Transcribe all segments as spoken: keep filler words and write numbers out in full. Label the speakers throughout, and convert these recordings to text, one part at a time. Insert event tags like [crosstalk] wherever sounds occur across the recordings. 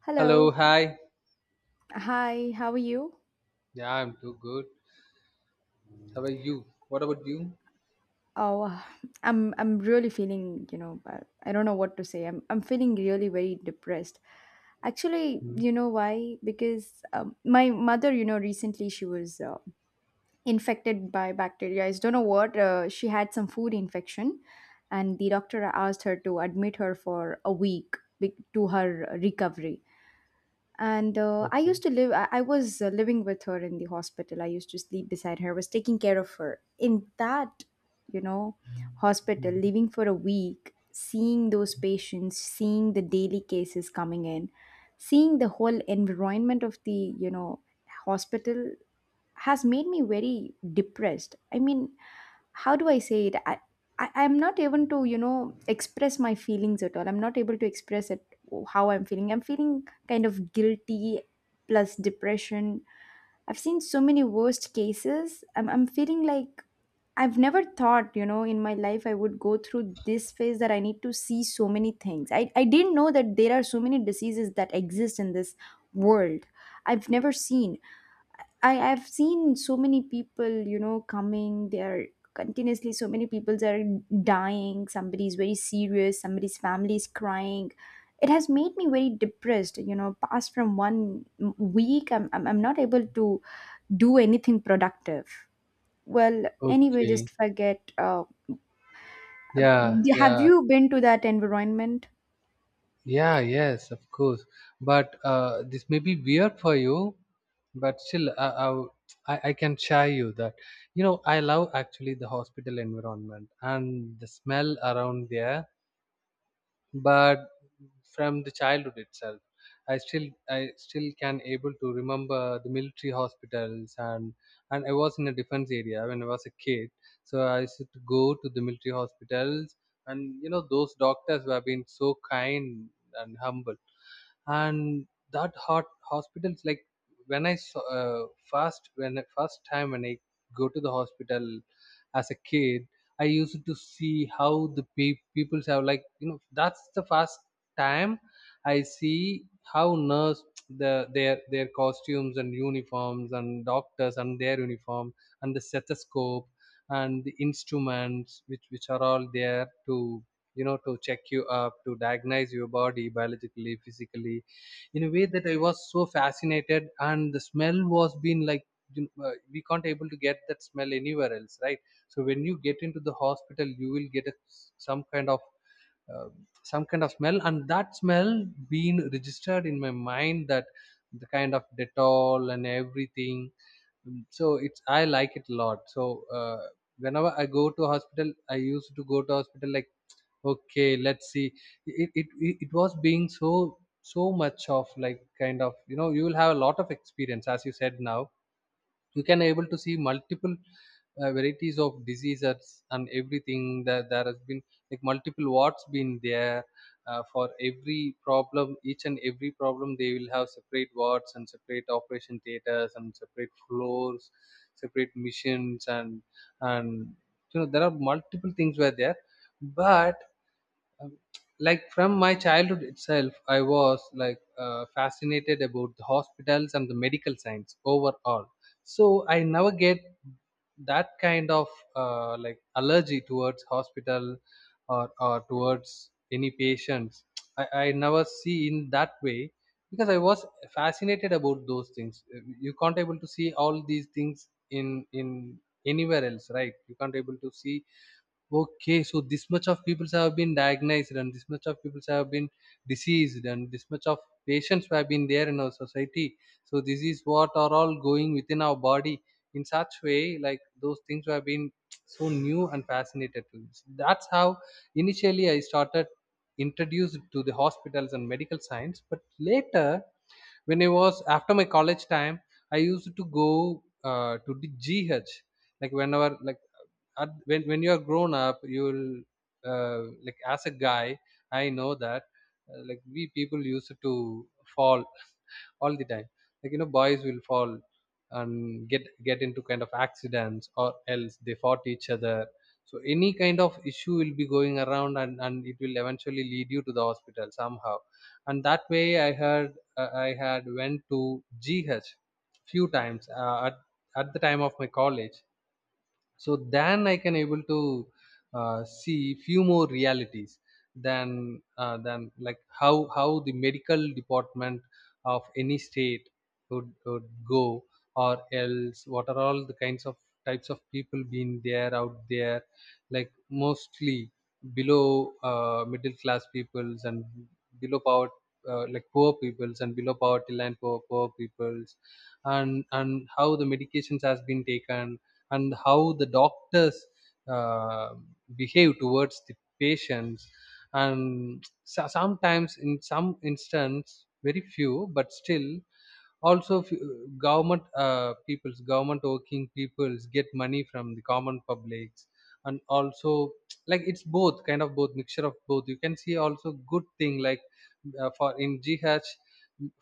Speaker 1: Hello.
Speaker 2: Hello, hi.
Speaker 1: Hi. How are you?
Speaker 2: Yeah, I'm too good. How are you? What about you?
Speaker 1: Oh, I'm I'm really feeling, you know, I I don't know what to say. I'm I'm feeling really very depressed. Actually,
Speaker 2: Mm.
Speaker 1: you know why? Because um, my mother, you know, recently she was uh, infected by bacteria. I don't know what. Uh, she had some food infection, and the doctor asked her to admit her for a week be- to her recovery and uh, I used
Speaker 2: Okay.
Speaker 1: to live I, I was uh, living with her in the hospital. I used to sleep beside her, was taking care of her in that, you know, hospital,
Speaker 2: Mm.
Speaker 1: living for a week, seeing those patients, seeing the daily cases coming in, seeing the whole environment of the, you know, hospital. Has made me very depressed. I mean, how do I say it i, I i'm not even to, you know, express my feelings at all. I'm not able to express it. Oh, how I'm feeling. I'm feeling kind of guilty plus depression. I've seen so many worst cases. I'm, I'm feeling like I've never thought, you know, in my life I would go through this phase, that I need to see so many things. I, I didn't know that there are so many diseases that exist in this world. I've never seen. I I've seen so many people, you know, coming. They're continuously, so many people are dying. Somebody's very serious. Somebody's family is crying. It has made me very depressed. You know, past from one m- week, I'm I'm, I'm not able to do anything productive. Well, anyway,
Speaker 2: Okay.
Speaker 1: just forget. Uh,
Speaker 2: Yeah,
Speaker 1: have
Speaker 2: yeah.
Speaker 1: you been to that environment?
Speaker 2: Yeah, yes, of course. But uh, this may be weird for you, but still, I, I, w- I I can share you that. You know, I love actually the hospital environment and the smell around there, but from the childhood itself, I still i still can able to remember the military hospitals, and and I was in a defense area when I was a kid. So I used to go to the military hospitals, and you know those doctors who have been so kind and humble. And that hot hospitals, like when I saw uh, first, when I- first time when I go to the hospital as a kid, I used to see how the pe- people have, like, you know, that's the first time I see how nurse, the their their costumes and uniforms, and doctors and their uniform, and the stethoscope and the instruments which which are all there to, you know, to check you up, to diagnose your body biologically, physically, in a way that I was so fascinated. And the smell was been like, you know, uh, we can't able to get that smell anywhere else, right? So when you get into the hospital, you will get a, some kind of uh, some kind of smell, and that smell being registered in my mind, that the kind of dettol and everything. Mm, so it's I like it a lot. So uh, whenever I go to hospital, I used to go to hospital like, okay, let's see. It it, it it was being so so much of like kind of, you know, you will have a lot of experience, as you said now. You can able to see multiple uh, varieties of diseases and everything that there has been, like multiple wards been there. Uh, for every problem, each and every problem, they will have separate wards and separate operation theaters and separate floors, separate missions, and and you know there are multiple things were there. But um, like from my childhood itself, I was like uh, fascinated about the hospitals and the medical science overall. So I never get that kind of uh, like allergy towards hospital, or or towards any patients. I, I never see in that way because I was fascinated about those things. Uh, You can't able to see all these things in in anywhere else, right? You can't able to see, okay, so this much of people have been diagnosed, and this much of people have been diseased, and this much of patients have been there in our society. So this is what are all going within our body in such way, like those things have been so new and fascinated to me. That's how initially I started introduced to the hospitals and medical science. But later, when I was after my college time, I used to go uh, to the G H, like whenever like at, when when you are grown up, you'll uh, like as a guy, I know that uh, like we people used to fall all the time, like you know boys will fall and get get into kind of accidents, or else they fought each other. So any kind of issue will be going around, and and it will eventually lead you to the hospital somehow. And that way I heard, uh, I had went to GH few times, uh, at, at the time of my college. So then I can able to uh, see few more realities than uh, than like how how the medical department of any state would, would go, or else what are all the kinds of types of people being there out there. Like mostly below uh, middle class peoples, and below power, uh, like poor peoples, and below poverty line poor poor peoples. and and how the medications has been taken, and how the doctors uh, behave towards the patients. And so- sometimes in some instance, very few but still, also f- government uh, peoples, government working peoples get money from the common publics. And also, like it's both kind of, both mixture of both. You can see also good thing, like uh, for in GH,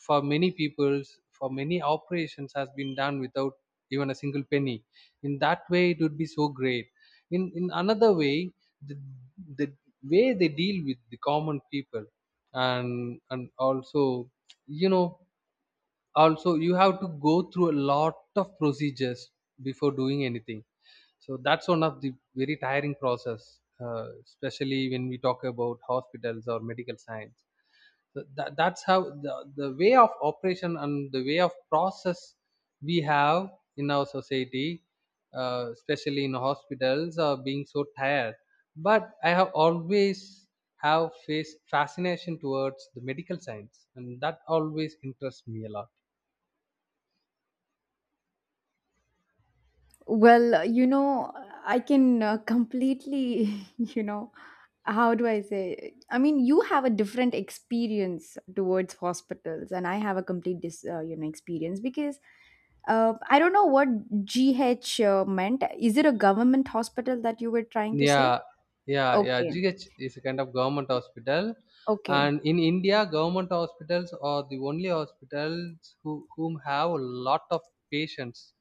Speaker 2: for many peoples, for many operations has been done without even a single penny. In that way it would be so great. in in another way, the, the way they deal with the common people, and and also, you know, also you have to go through a lot of procedures before doing anything. So that's one of the very tiring process, uh, especially when we talk about hospitals or medical science. So that, that's how the, the way of operation and the way of process we have in our society, uh, especially in hospitals, are being so tired. But I have always have faced fascination towards the medical science, and that always interests me a lot.
Speaker 1: Well, uh, you know, I can uh, completely, [laughs] you know, how do I say? I mean, you have a different experience towards hospitals, and I have a complete dis, uh, you know, experience. Because uh, I don't know what G H uh, meant. Is it a government hospital that you were trying to say?
Speaker 2: Yeah, yeah, yeah.
Speaker 1: Okay,
Speaker 2: G H is a kind of government hospital,
Speaker 1: okay.
Speaker 2: and in India, government hospitals are the only hospitals who whom have a lot of patients.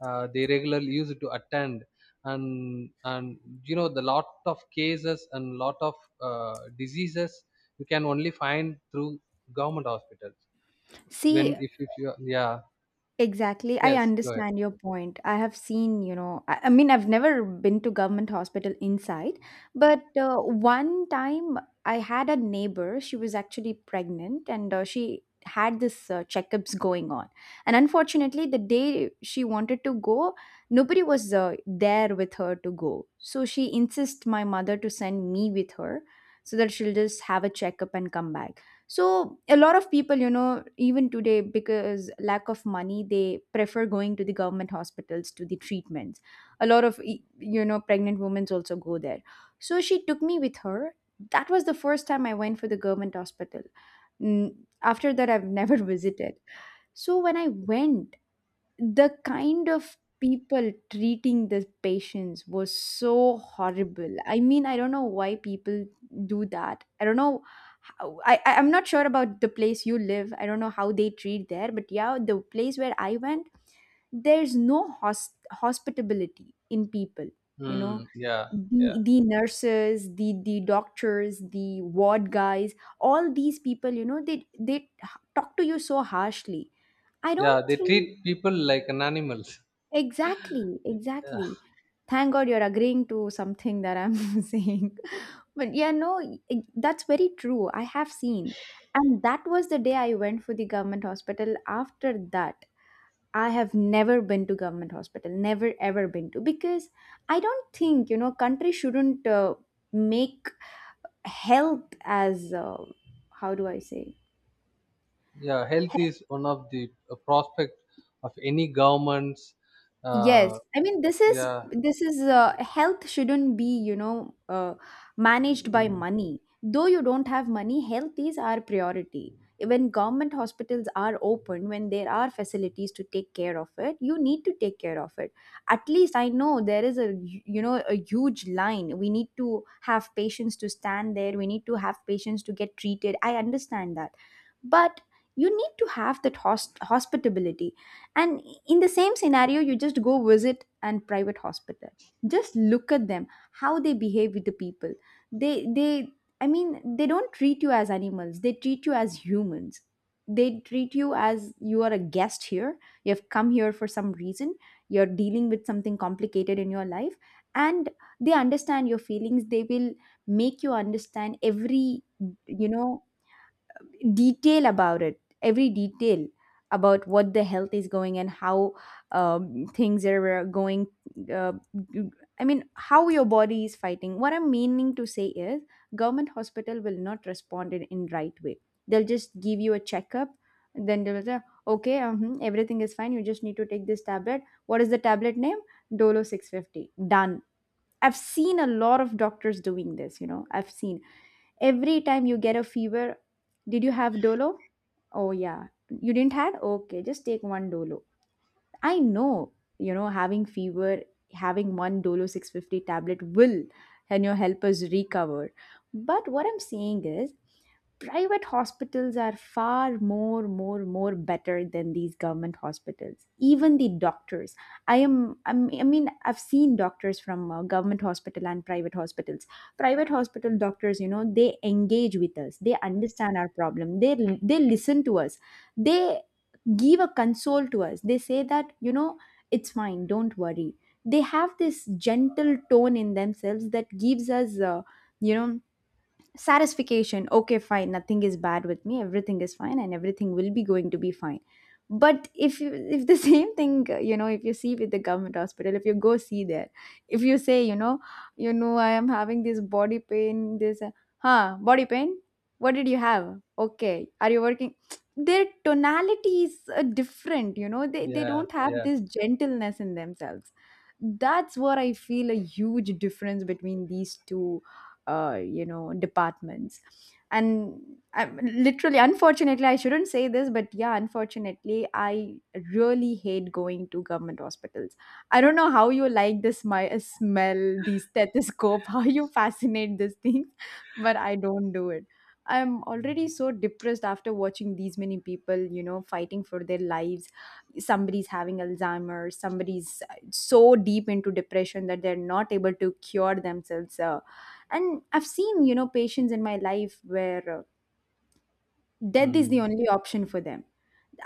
Speaker 2: Uh, they regularly used to attend, and and you know the lot of cases and lot of uh, diseases you can only find through government hospitals.
Speaker 1: See,
Speaker 2: When if if you, yeah,
Speaker 1: exactly. I
Speaker 2: yes, go ahead.
Speaker 1: understand your point. I have seen, you know, I, I mean, I've never been to government hospital inside, but uh, one time I had a neighbor. She was actually pregnant, and uh, she had this uh, checkups going on. And unfortunately, the day she wanted to go, nobody was uh, there with her to go. So she insists my mother to send me with her, so that she'll just have a checkup and come back. So a lot of people, you know, even today, because lack of money, they prefer going to the government hospitals to the treatments. A lot of e- you know, pregnant women also go there. So she took me with her. That was the first time I went for the government hospital. Mm, after that I've never [laughs] visited. So when I went, the kind of people treating the patients was so horrible. I mean, I don't know why people do that. I don't know how, I, I I'm not sure about the place you live. I don't know how they treat there, but yeah, the place where I went, there's no hos- hospitability in people. You know,
Speaker 2: Mm, yeah. yeah
Speaker 1: the the nurses, the the doctors, the ward guys, all these people, you know, they they talk to you so harshly. I
Speaker 2: yeah,
Speaker 1: don't
Speaker 2: they treat
Speaker 1: think.
Speaker 2: people like an animals.
Speaker 1: Exactly, exactly. Thank God you're agreeing to something that I'm [laughs] saying. But yeah, no, i- that's very true. I have seen. And that was the day I went for the government hospital. After that, I have never been to government hospital, never ever been to. Because I don't think, you know, country shouldn't uh, make health as uh, how do I say?
Speaker 2: Yeah, health is one of the uh, prospect of any government's.
Speaker 1: Yes,
Speaker 2: Uh,
Speaker 1: I mean, this is
Speaker 2: yeah.
Speaker 1: this is uh, health shouldn't be, you know, uh, managed by
Speaker 2: Mm,
Speaker 1: money. Though you don't have money, health is our priority. When government hospitals are open, when there are facilities to take care of it, you need to take care of it. At least I know there is a hu- you know, a huge line. We need to have patients to stand there. We need to have patients to get treated. I understand that, but you need to have that host hospitability. And in the same scenario, you just go visit and private hospital, just look at them, how they behave with the people. They they I mean, they don't treat you as animals, they treat you as humans. They treat you as you are a guest here. You have come here for some reason. You're dealing with something complicated in your life, and they understand your feelings. They will make you understand every, you know, detail about it, every detail about what the health is going and how um, things are uh, going. uh, I mean, how your body is fighting. What I'm meaning to say is, government hospital will not respond in, in right way. They'll just give you a checkup, then they'll say, okay, uh everything is fine, you just need to take this tablet. What is the tablet name? Dolo six fifty, done. I've seen a lot of doctors doing this, you know, I've seen. Every time you get a fever, did you have Dolo? Oh yeah. You didn't had? Okay, just take one Dolo. I know, you know, having fever, having one Dolo six fifty tablet will, and you know, help us recover. But what I'm saying is private hospitals are far more more more better than these government hospitals, even the doctors. I am I'm, I mean, I've seen doctors from uh, government hospital and private hospitals. Private hospital doctors, you know, they engage with us, they understand our problem, they they listen to us, they give a console to us. They say that, you know, it's fine, don't worry. They have this gentle tone in themselves that gives us, uh, you know, satisfaction. Okay, fine, nothing is bad with me, everything is fine, and everything will be going to be fine. But if you if the [laughs] same thing, uh, you know, if you see with the government hospital, if you go see there, if you say, you know, you know, I am having this body pain, this uh, huh body pain, what did you have? Okay, are you working? [tsk] Their tonalities are different, you know, they, they
Speaker 2: yeah.
Speaker 1: don't have
Speaker 2: Yeah.
Speaker 1: this gentleness in themselves. That's what I feel, a huge difference between these two uh, you know, departments. And I, literally, unfortunately, I shouldn't say this, but yeah, unfortunately, I really hate going to government hospitals. I don't know how you like the smi- uh, smell, the stethoscope, [laughs] how you fascinate these things, but I don't do it. I'm already so depressed after watching these many people, you know, fighting for their lives. Somebody's having Alzheimer's, somebody's uh, so deep into depression that they're not able to cure themselves. Uh, and I've seen, you know, patients in my life where uh, death is the
Speaker 2: Mm,
Speaker 1: only option for them.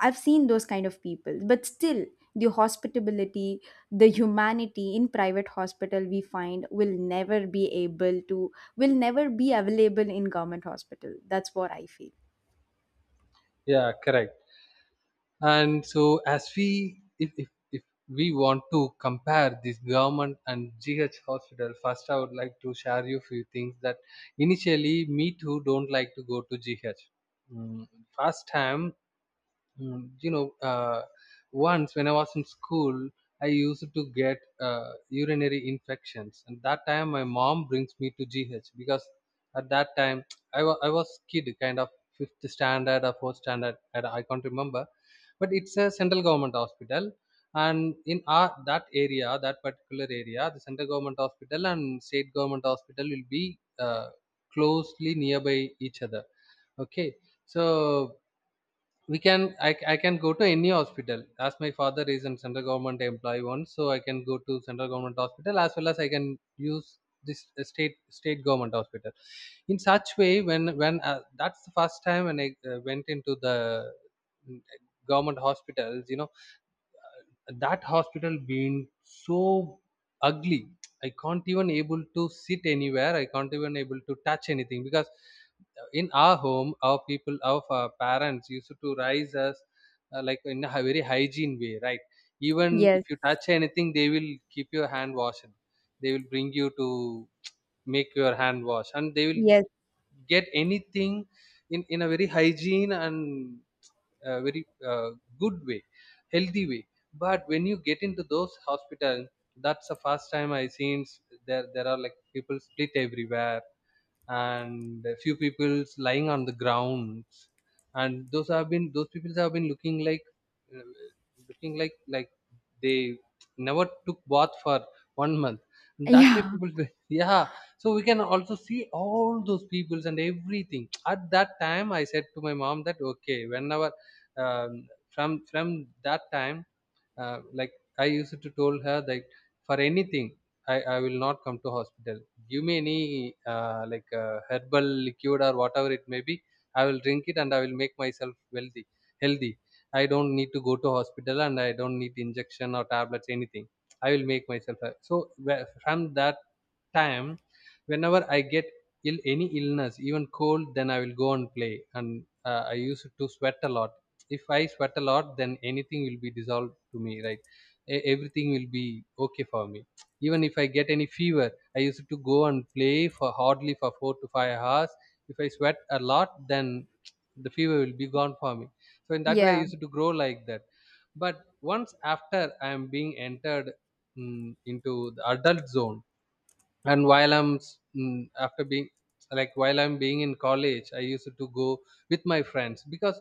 Speaker 1: I've seen those kind of people, but still the hospitality, the humanity in private hospital we find will never be able to, will never be available in government hospital. That's what I feel.
Speaker 2: yeah, correct. And so as we, if, if if we want to compare this government and GH hospital, first I would like to share you few things, that initially me too don't like to go to GH. Mm, first time. Mm, you know, uh, once when I was in school, I used to get uh, urinary infections, and that time my mom brings me to G H because at that time, [tsk] I was I was kid, kind of fifth standard or fourth standard, I I can't remember, but it's a central government hospital, and in our that area, that particular area, the central government hospital and state government hospital will be uh, closely nearby each other. Okay, so we can I, I can go to any hospital, as my father is in central government employee once. So I can go to central government hospital, as well as I can use this uh, state state government hospital. In such way, when when uh, that's the first time when I uh, went into the, mm, government hospitals, you know, that hospital been so ugly. I can't even able to sit anywhere, I can't even able to touch anything. Because uh, in our home, our people, our uh, parents used to raise us uh, like in a hy- very hygiene way, right? Even
Speaker 1: Yes.
Speaker 2: if you touch anything, they will keep your hand washed. They will bring you to make your hand wash, and they will
Speaker 1: Yes.
Speaker 2: get anything in in a very hygiene and uh, very uh, good way, healthy way. But when you get into those hospitals, that's the first time I seen, s- there there are like people split everywhere, and a few people's lying on the grounds. And those have been, those people have been looking like uh, looking like like they never took bath for one month. That way
Speaker 1: [laughs] Yeah,
Speaker 2: people. [laughs] Yeah, so we can also see all those peoples and everything. At that time I said to my mom that, okay, whenever um, from from that time uh, like I used to told her that for anything, i, I will not come to hospital. Give me any uh, like uh, herbal liquid or whatever it may be. I will drink it and I will make myself wealthy, healthy. I don't need to go to hospital, and I don't need injection or tablets anything. I will make myself healthy. So where- from that time, whenever I get ill, any illness, even cold, then I will go and play, and uh, I used to sweat a lot. If I sweat a lot, then anything will be dissolved to me, right? E- everything will be okay for me. Even if I get any fever, I used to go and play for hardly for four to five hours. If I sweat a lot, then the fever will be gone for me. So in that way I
Speaker 1: yeah.
Speaker 2: used to grow like that. But once after I am being entered mm, into the adult zone, and while i'm s- mm, after being, like, while I'm being in college, I used to go with my friends. Because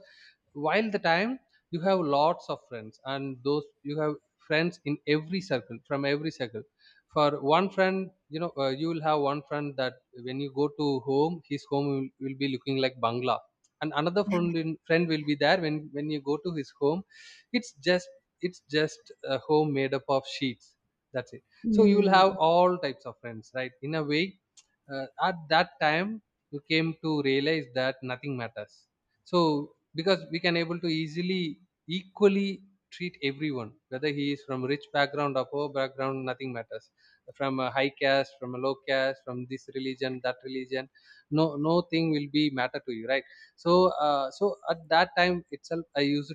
Speaker 2: while the time, you have lots of friends, and those you have friends in every circle, from every circle. For one friend, you know uh, you will have one friend that when you go to home, his home will, will be looking like bangla, and another friend, in, friend will be there. When when you go to his home, it's just it's just a home made up of sheets. That's it. So you will have
Speaker 1: Mm.
Speaker 2: all types of friends, right, in a way. Uh, at that time, you came to realize that nothing matters. So because we can able to easily equally treat everyone, whether he is from rich background or poor background, nothing matters. From a high caste, from a low caste, from this religion, that religion, no, no thing will be matter to you, right? So uh, so at that time itself I used,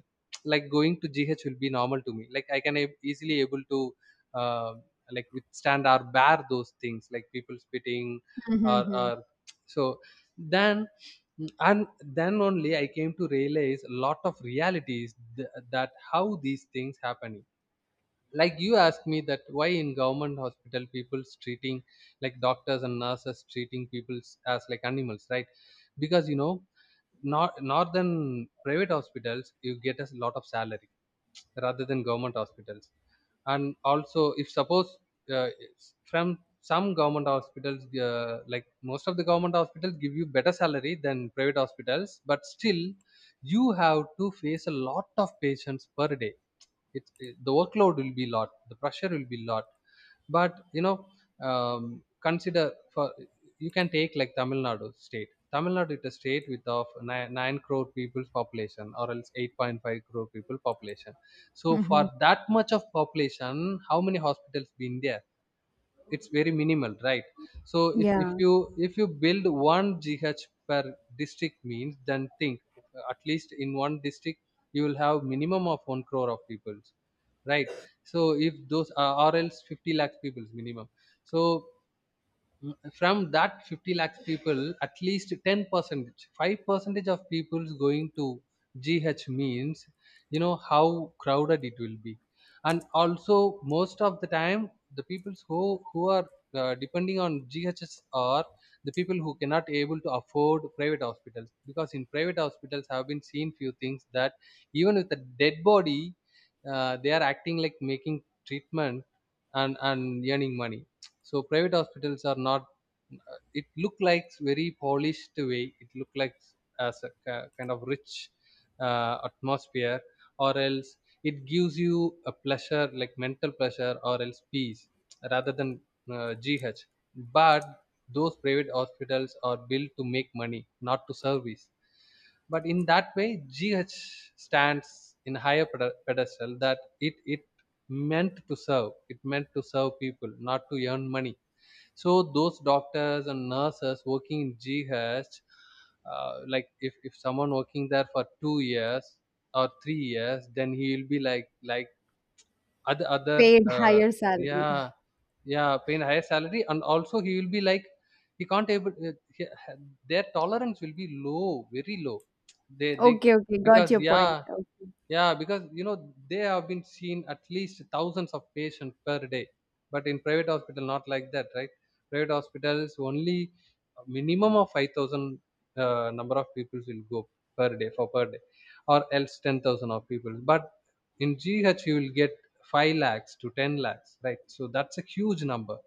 Speaker 2: like, going to GH will be normal to me. Like I can ab- easily able to uh, like withstand or bear those things, like people spitting.
Speaker 1: Mm-hmm.
Speaker 2: or,
Speaker 1: Hmm.
Speaker 2: or so then, and then only I came to realize a lot of realities, th- that how these things happening. Like you asked me that why in government hospital people's treating, like doctors and nurses treating people as like animals, right? Because, you know, not northern private hospitals, you get a lot of salary rather than government hospitals. And also if suppose, uh, from some government hospitals, uh, like most of the government hospitals give you better salary than private hospitals, but still you have to face a lot of patients per day. It, it- the workload will be lot, the pressure will be lot. But you know, um, consider, for, you can take like Tamil Nadu state. Tamil Nadu is a state with of nine nine crore people's population, or else eight point five crore people population. So for
Speaker 1: Mm-hmm.
Speaker 2: that much of population, how many hospitals been there? It's very minimal, right? So if, if
Speaker 1: Yeah,
Speaker 2: you if you build one G H per district means, then think at least in one district you will have minimum of one crore of people, right? So if those uh, or else fifty lakh people minimum. So from that fifty lakhs people, at least ten percent, five percentage of people is going to GH means, you know how crowded it will be. And also most of the time, the people who who are uh, depending on G H S are the people who cannot able to afford private hospitals. Because in private hospitals, have been seen few things that even with a dead body, uh, they are acting like making treatment and and earning money. So private hospitals are not uh, it look like very polished way, it look like as a ki- kind of rich uh, atmosphere, or else it gives you a pleasure like mental pleasure or else peace rather than uh, GH. But those private hospitals are built to make money, not to service. But in that way, GH stands in higher ped- pedestal, that it it meant to serve, it meant to serve people, not to earn money. So those doctors and nurses working in GH, uh, like if, if someone working there for two years or three years, then he will be like like other other
Speaker 1: paid
Speaker 2: uh,
Speaker 1: higher salary.
Speaker 2: yeah, yeah, paying higher salary. And also he will be like, he can't able uh, he, their tolerance will be low, very low. They they
Speaker 1: Okay, okay, got
Speaker 2: because
Speaker 1: your point.
Speaker 2: yeah,
Speaker 1: Okay.
Speaker 2: yeah, because you know, they have been seen at least thousands of patients per day, but in private hospital not like that, right? Private hospitals only a minimum of five thousand uh, number of people will go per day, for per day, or else ten thousand of people. But in G H you will get five lakhs to ten lakhs, right? So that's a huge number.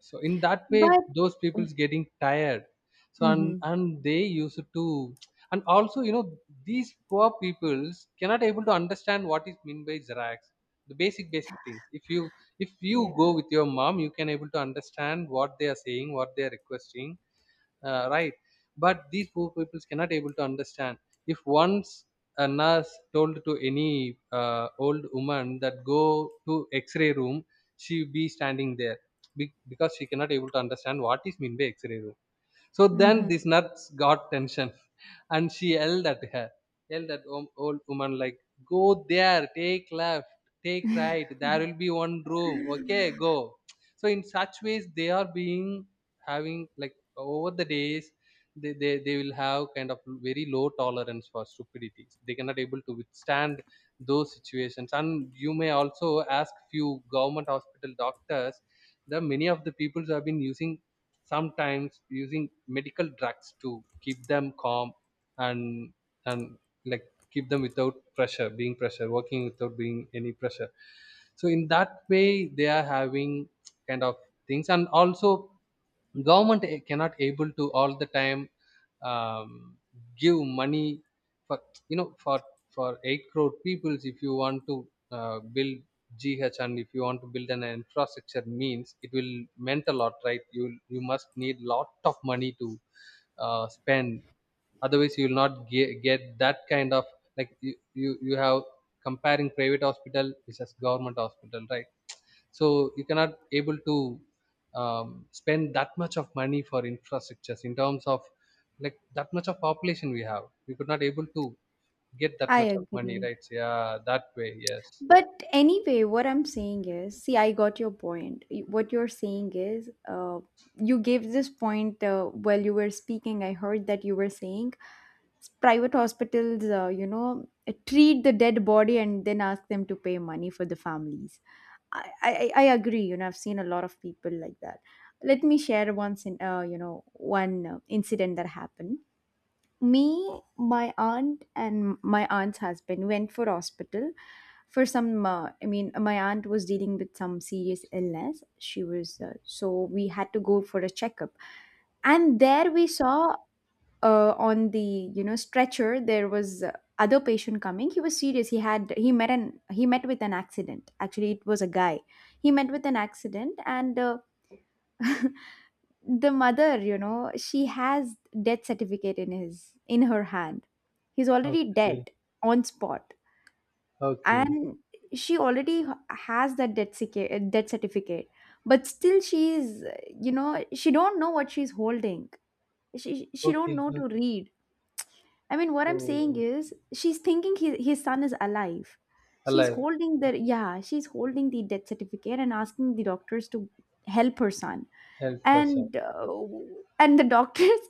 Speaker 2: So in that way,
Speaker 1: But
Speaker 2: those people's getting tired. So and
Speaker 1: hmm.
Speaker 2: and they used to, and also you know, these poor peoples cannot able to understand what is mean by xerox, the basic basic things. If you, if you go
Speaker 1: Yeah.
Speaker 2: with your mom, you can able to understand what they are saying, what they are requesting, uh, right? But these poor peoples cannot able to understand. If once a nurse told to any uh, old woman that go to x-ray room, she be standing there. Be- because she cannot able to understand what is mean by x-ray room. So then
Speaker 1: Hmm.
Speaker 2: this nurse got tension [laughs] and she yelled at her, yelled at om- old woman like, go there, take left, take right, there will be one room, okay, go. So in such ways they are being having, like over the days they, they, they will have kind of very low tolerance for stupidities. They cannot able to withstand those situations. And you may also ask few government hospital doctors, the many of the peoples have been using, sometimes using medical drugs to keep them calm and and like keep them without pressure, being pressure working without being any pressure. So in that way they are having kind of things. And also government eh, cannot able to all the time um, give money for, you know, for for eight crore peoples. If you want to uh, build G H and if you want to build an infrastructure means, it will meant a lot, right? You you must need lot of money to uh, spend. Otherwise, you will not get, get that kind of, like you, you you have comparing private hospital versus government hospital, right? So you cannot able to um, spend that much of money for infrastructures in terms of, like, that much of population we have. We could not able to get that
Speaker 1: I
Speaker 2: much of money,
Speaker 1: agree.
Speaker 2: right? So, yeah, that way, yes.
Speaker 1: But anyway, what I'm saying is, see, I got your point. Y- What you're saying is, uh, you gave this point uh, while you were speaking. I heard that you were saying, s- private hospitals, uh, you know, uh, treat the dead body and then ask them to pay money for the families. I, I, I agree. You know, I've seen a lot of people like that. Let me share once in, uh, you know, one uh, incident that happened. Me, my aunt, and my aunt's husband went for hospital for some uh, I mean, my aunt was dealing with some serious illness. She was uh, so we had to go for a checkup. And there we saw, uh, on the, you know, stretcher, there was uh, other patient coming. He was serious. He had he met an he met with an accident. Actually, it was a guy. He met with an accident, and uh, [laughs] the mother, you know, she has death certificate in his in her hand. He's already
Speaker 2: Okay.
Speaker 1: dead on spot.
Speaker 2: Okay,
Speaker 1: And she already h- has that death, certi- death certificate, but still she's uh, you know, she don't know what she's holding. She she don't
Speaker 2: okay,
Speaker 1: know to
Speaker 2: okay.
Speaker 1: read. I mean, what I'm saying
Speaker 2: Oh,
Speaker 1: is, she's thinking his, his son is alive. She's
Speaker 2: alive,
Speaker 1: holding the, yeah, she's holding the death certificate and asking the doctors to help her son.
Speaker 2: help us out.
Speaker 1: And uh, and the [laughs] doctors.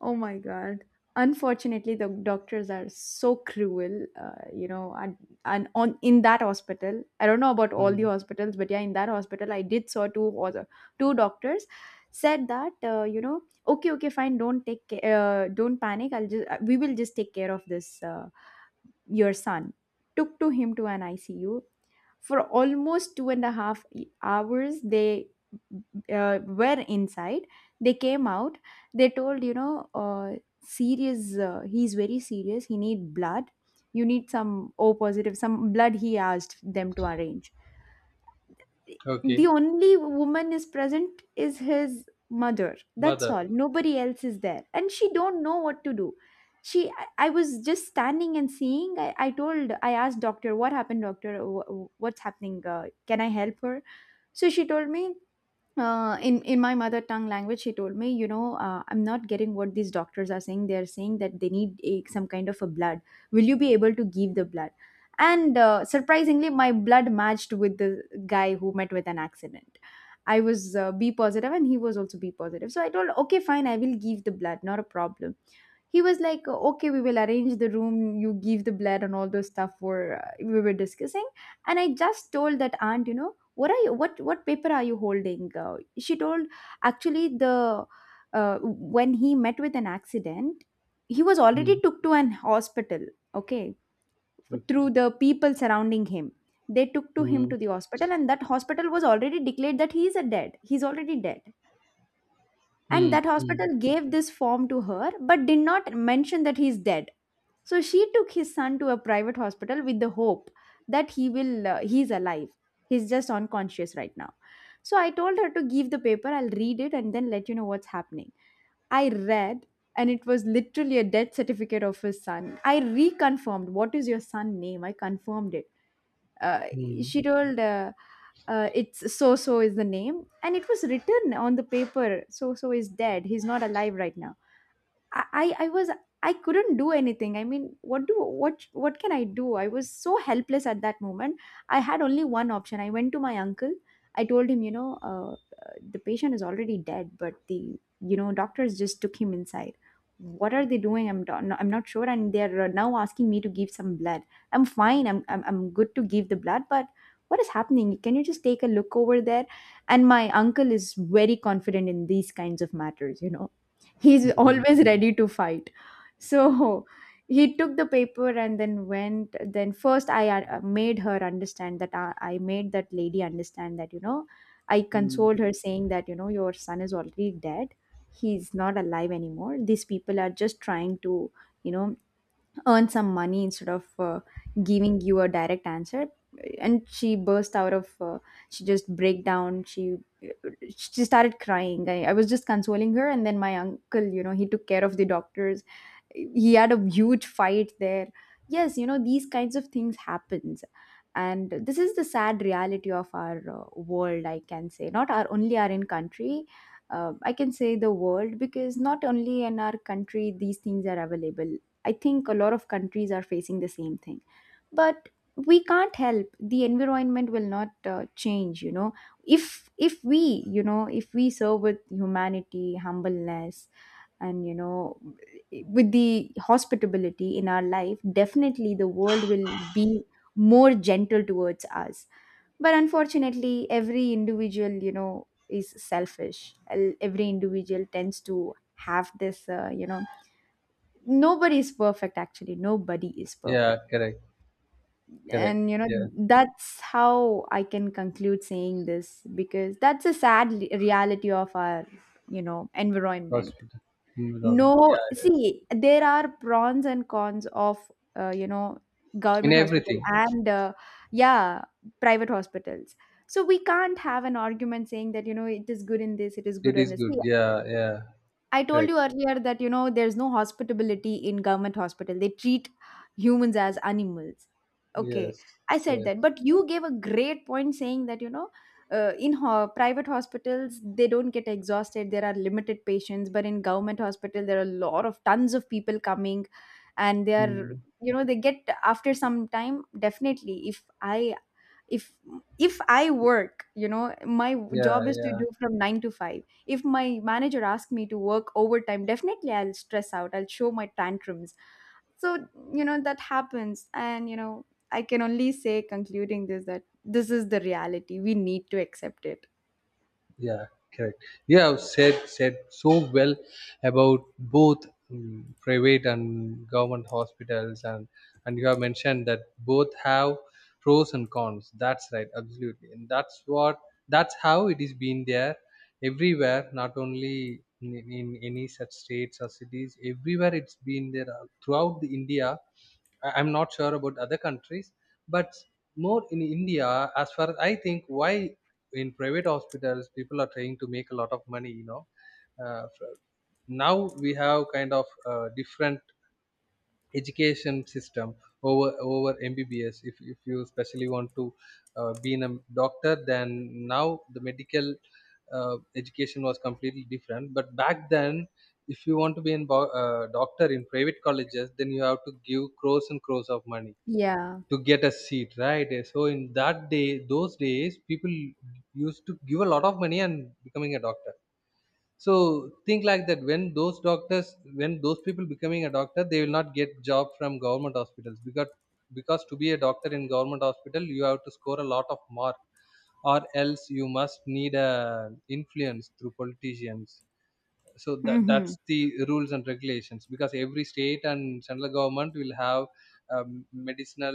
Speaker 1: Oh my God. Unfortunately, the doctors are so cruel, uh, you know, and, and on in that hospital, I don't know about all the
Speaker 2: Mm.
Speaker 1: hospitals, but yeah, in that hospital, I did saw two other two doctors said that uh, you know, okay, okay, fine, don't take ca- uh, don't panic. I'll just we will just take care of this uh, your son took to him to an I C U. For almost two and a half hours, they uh, were inside. They came out. They told, you know, uh, serious. Uh, he's very serious. He need blood. You need some O positive, some blood. He asked them to arrange the
Speaker 2: Okay,
Speaker 1: only woman is present is his mother, that's
Speaker 2: mother.
Speaker 1: all, nobody else is there, and she don't know what to do. She I I was just standing and seeing. i, I told. I asked doctor, what happened, doctor? Wh- wh- what's happening? Uh, can I help her? So she told me, uh, in in my mother tongue language. She told me, you know, uh, I'm not getting what these doctors are saying. They are saying that they need a, some kind of a blood. Will you be able to give the blood? And uh, surprisingly, my blood matched with the guy who met with an accident. I was uh, B positive and he was also B positive. So I told, okay, fine, I will give the blood, not a problem. He was like, okay, we will arrange the room, you give the blood, and all those stuff were, uh, we were discussing. And I just told that aunt, you know, what are you what what paper are you holding? Uh, she told, actually, the uh, when he met with an accident, he was already
Speaker 2: Mm.
Speaker 1: took to an hospital, okay, through
Speaker 2: Okay.
Speaker 1: the people surrounding him. They took to him
Speaker 2: Mm.
Speaker 1: to the hospital, and that hospital was already declared that he is a dead, he's already dead. And
Speaker 2: Mm.
Speaker 1: that
Speaker 2: Mm.
Speaker 1: hospital gave this form to her but did not mention that he's dead. So she took his son to a private hospital with the hope that he will uh, he's alive. He's just unconscious right now. So I told her to give the paper, I'll read it and then let you know what's happening. I read, and it was literally a death certificate of his son. I reconfirmed, what is your son name? I confirmed it. Uh,
Speaker 2: Mm.
Speaker 1: she told, uh, uh, it's so so is the name, and it was written on the paper, so so is dead, he's not alive right now. I, I I was, I couldn't do anything. I mean, what do what what can I do? I was so helpless at that moment. I had only one option. I went to my uncle. I told him, you know, uh, uh, the patient is already dead, but the, you know, doctors just took him inside. What are they doing? I'm do- no- I'm not sure, and they're uh, now asking me to give some blood. I'm fine. I'm, I'm I'm good to give the blood, but what is happening? Can you just take a look over there? And my uncle is very confident in these kinds of matters, you know. He's
Speaker 2: Mm.
Speaker 1: always ready to fight. So he took the paper and then went. Then first I uh, made her understand that, I, I made that lady understand that, you know, I
Speaker 2: Mm.
Speaker 1: consoled her saying that, you know, your son is already dead, he's not alive anymore. These people are just trying to, you know, earn some money instead of uh, giving you a direct answer. And she burst out of, uh, she just break down, she uh, she started crying. I, I was just consoling her, and then my uncle, you know, he took care of the doctors. He had a huge fight there. Yes, you know, these kinds of things happens, and this is the sad reality of our uh, world. I can say, not our only, our in country, uh, I can say the world, because not only in our country these things are available. I think a lot of countries are facing the same thing. But we can't help, the environment will not uh, change, you know. If if we, you know, if we serve with humanity, humbleness, and, you know, with the hospitality in our life, definitely the world will be more gentle towards us. But unfortunately, every individual, you know, is selfish. El- every individual tends to have this, uh, you know nobody is perfect, actually, nobody is
Speaker 2: Yeah,
Speaker 1: perfect.
Speaker 2: correct, correct.
Speaker 1: And, you know,
Speaker 2: Yeah,
Speaker 1: that's how I can conclude saying this, because that's a sad le- reality of our, you know, environment.
Speaker 2: hospital environment.
Speaker 1: No,
Speaker 2: Yeah, yes.
Speaker 1: see, there are pros and cons of, uh, you know
Speaker 2: In
Speaker 1: government hospital
Speaker 2: everything,
Speaker 1: and, uh, yeah, private hospitals. So we can't have an argument saying that, you know, it is good in this, it is good
Speaker 2: it
Speaker 1: in
Speaker 2: is
Speaker 1: this.
Speaker 2: good.
Speaker 1: See,
Speaker 2: Yeah, yeah,
Speaker 1: I told
Speaker 2: correct.
Speaker 1: you earlier that, you know, there's no hospitality in government hospital. They treat humans as animals. Okay,
Speaker 2: Yes,
Speaker 1: I said
Speaker 2: yes.
Speaker 1: that, but you gave a great point saying that, you know, uh, in ho- private hospitals they don't get exhausted. There are limited patients, but in government hospital there are a lot of tons of people coming, and they are,
Speaker 2: Mm.
Speaker 1: you know, they get after some time, definitely. If I, if if I work, you know, my
Speaker 2: Yeah,
Speaker 1: job is to
Speaker 2: yeah.
Speaker 1: do from nine to five. If my manager asks me to work overtime, definitely I'll stress out, I'll show my tantrums. So, you know, that happens, and, you know, I can only say, concluding this, that this is the reality, we need to accept it.
Speaker 2: Yeah, correct. Yeah, you have said said so well about both mm, private and government hospitals, and and you have mentioned that both have pros and cons. That's right, absolutely, and that's what, that's how it is been there everywhere, not only in, in any such states or cities. Everywhere it's been there uh, throughout the India. I- I'm not sure about other countries, but more in India, as far as I think, why in private hospitals people are trying to make a lot of money, you know. Uh, fr- Now we have kind of uh, different education system over over M B B S. If, if you especially want to uh, be in a doctor, then now the medical uh, education was completely different. But back then, if you want to be a uh, doctor in private colleges, then you have to give crores and crores of money
Speaker 1: Yeah,
Speaker 2: to get a seat, right? Uh, so in that day, those days people used to give a lot of money and becoming a doctor. So think like that, when those doctors, when those people becoming a doctor, they will not get job from government hospitals. Because because to be a doctor in government hospital, you have to score a lot of mark, or else you must need a influence through politicians. So that
Speaker 1: mm-hmm.
Speaker 2: that's the rules and regulations, because every state and central government will have um, medicinal,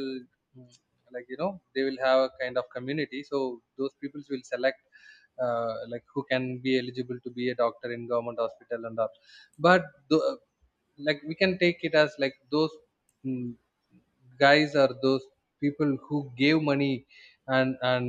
Speaker 2: mm, like, you know, they will have a kind of community, so those people will select uh, like who can be eligible to be a doctor in government hospital and all. But th- like we can take it as like those, mm, guys, or those people who gave money and and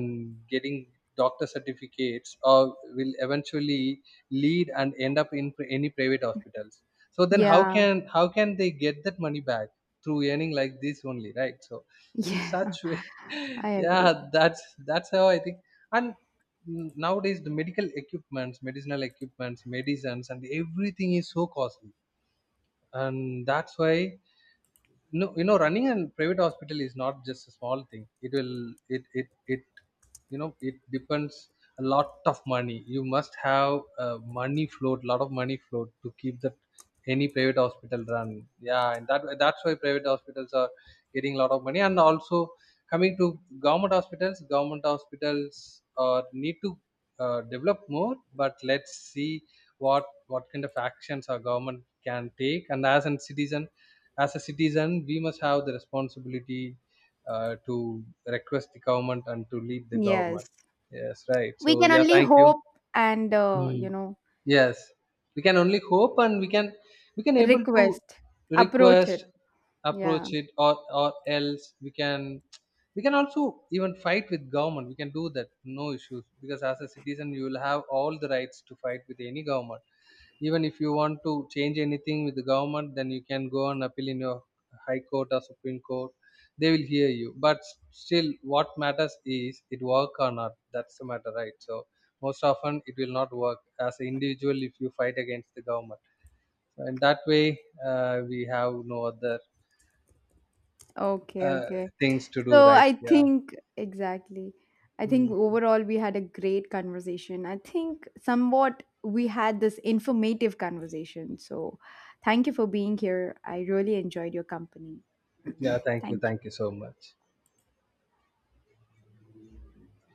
Speaker 2: getting doctor certificates or will eventually lead and end up in pri- any private hospitals. So then how
Speaker 1: Yeah,
Speaker 2: can, how can they get that money back through earning like this only, right? So
Speaker 1: [laughs]
Speaker 2: in
Speaker 1: yeah,
Speaker 2: such way,
Speaker 1: I
Speaker 2: [laughs] yeah,
Speaker 1: agree.
Speaker 2: that's that's how I think. And nowadays the medical equipments, medicinal equipments, medicines and everything is so costly. And that's why, no, you know, running a private hospital is not just a small thing. It will, it it it, you know, it depends a lot of money. You must have a money float, lot of money float, to keep that any private hospital run. Yeah, and that that's why private hospitals are getting a lot of money. And also coming to government hospitals, government hospitals uh, need to uh, develop more. But let's see what what kind of actions our government can take. And as a citizen, as a citizen, we must have the responsibility uh, to request the government and to lead the government,
Speaker 1: Yes,
Speaker 2: yes, right?
Speaker 1: we
Speaker 2: So
Speaker 1: can
Speaker 2: yeah,
Speaker 1: only
Speaker 2: thank you.
Speaker 1: hope and, uh,
Speaker 2: Hmm.
Speaker 1: you know,
Speaker 2: Yes, we can only hope, and we can, we can able to
Speaker 1: request, approach
Speaker 2: request,
Speaker 1: it, yeah.
Speaker 2: approach it, or or else we can, we can also even fight with government. We can do that, no issues. Because as a citizen, you will have all the rights to fight with any government. Even if you want to change anything with the government, then you can go and appeal in your high court or supreme court. They will hear you, but still what matters is, it work or not, that's the matter, right? So most often it will not work as an individual if you fight against the government. So in that way, uh, we have no other
Speaker 1: Okay,
Speaker 2: uh,
Speaker 1: okay.
Speaker 2: things to
Speaker 1: So
Speaker 2: do, right?
Speaker 1: I
Speaker 2: Yeah.
Speaker 1: think, exactly. I think
Speaker 2: Mm.
Speaker 1: overall we had a great conversation. I think somewhat we had this informative conversation. So thank you for being here. I really enjoyed your company.
Speaker 2: Yeah, thank you,
Speaker 1: Thank you.
Speaker 2: thank you so much.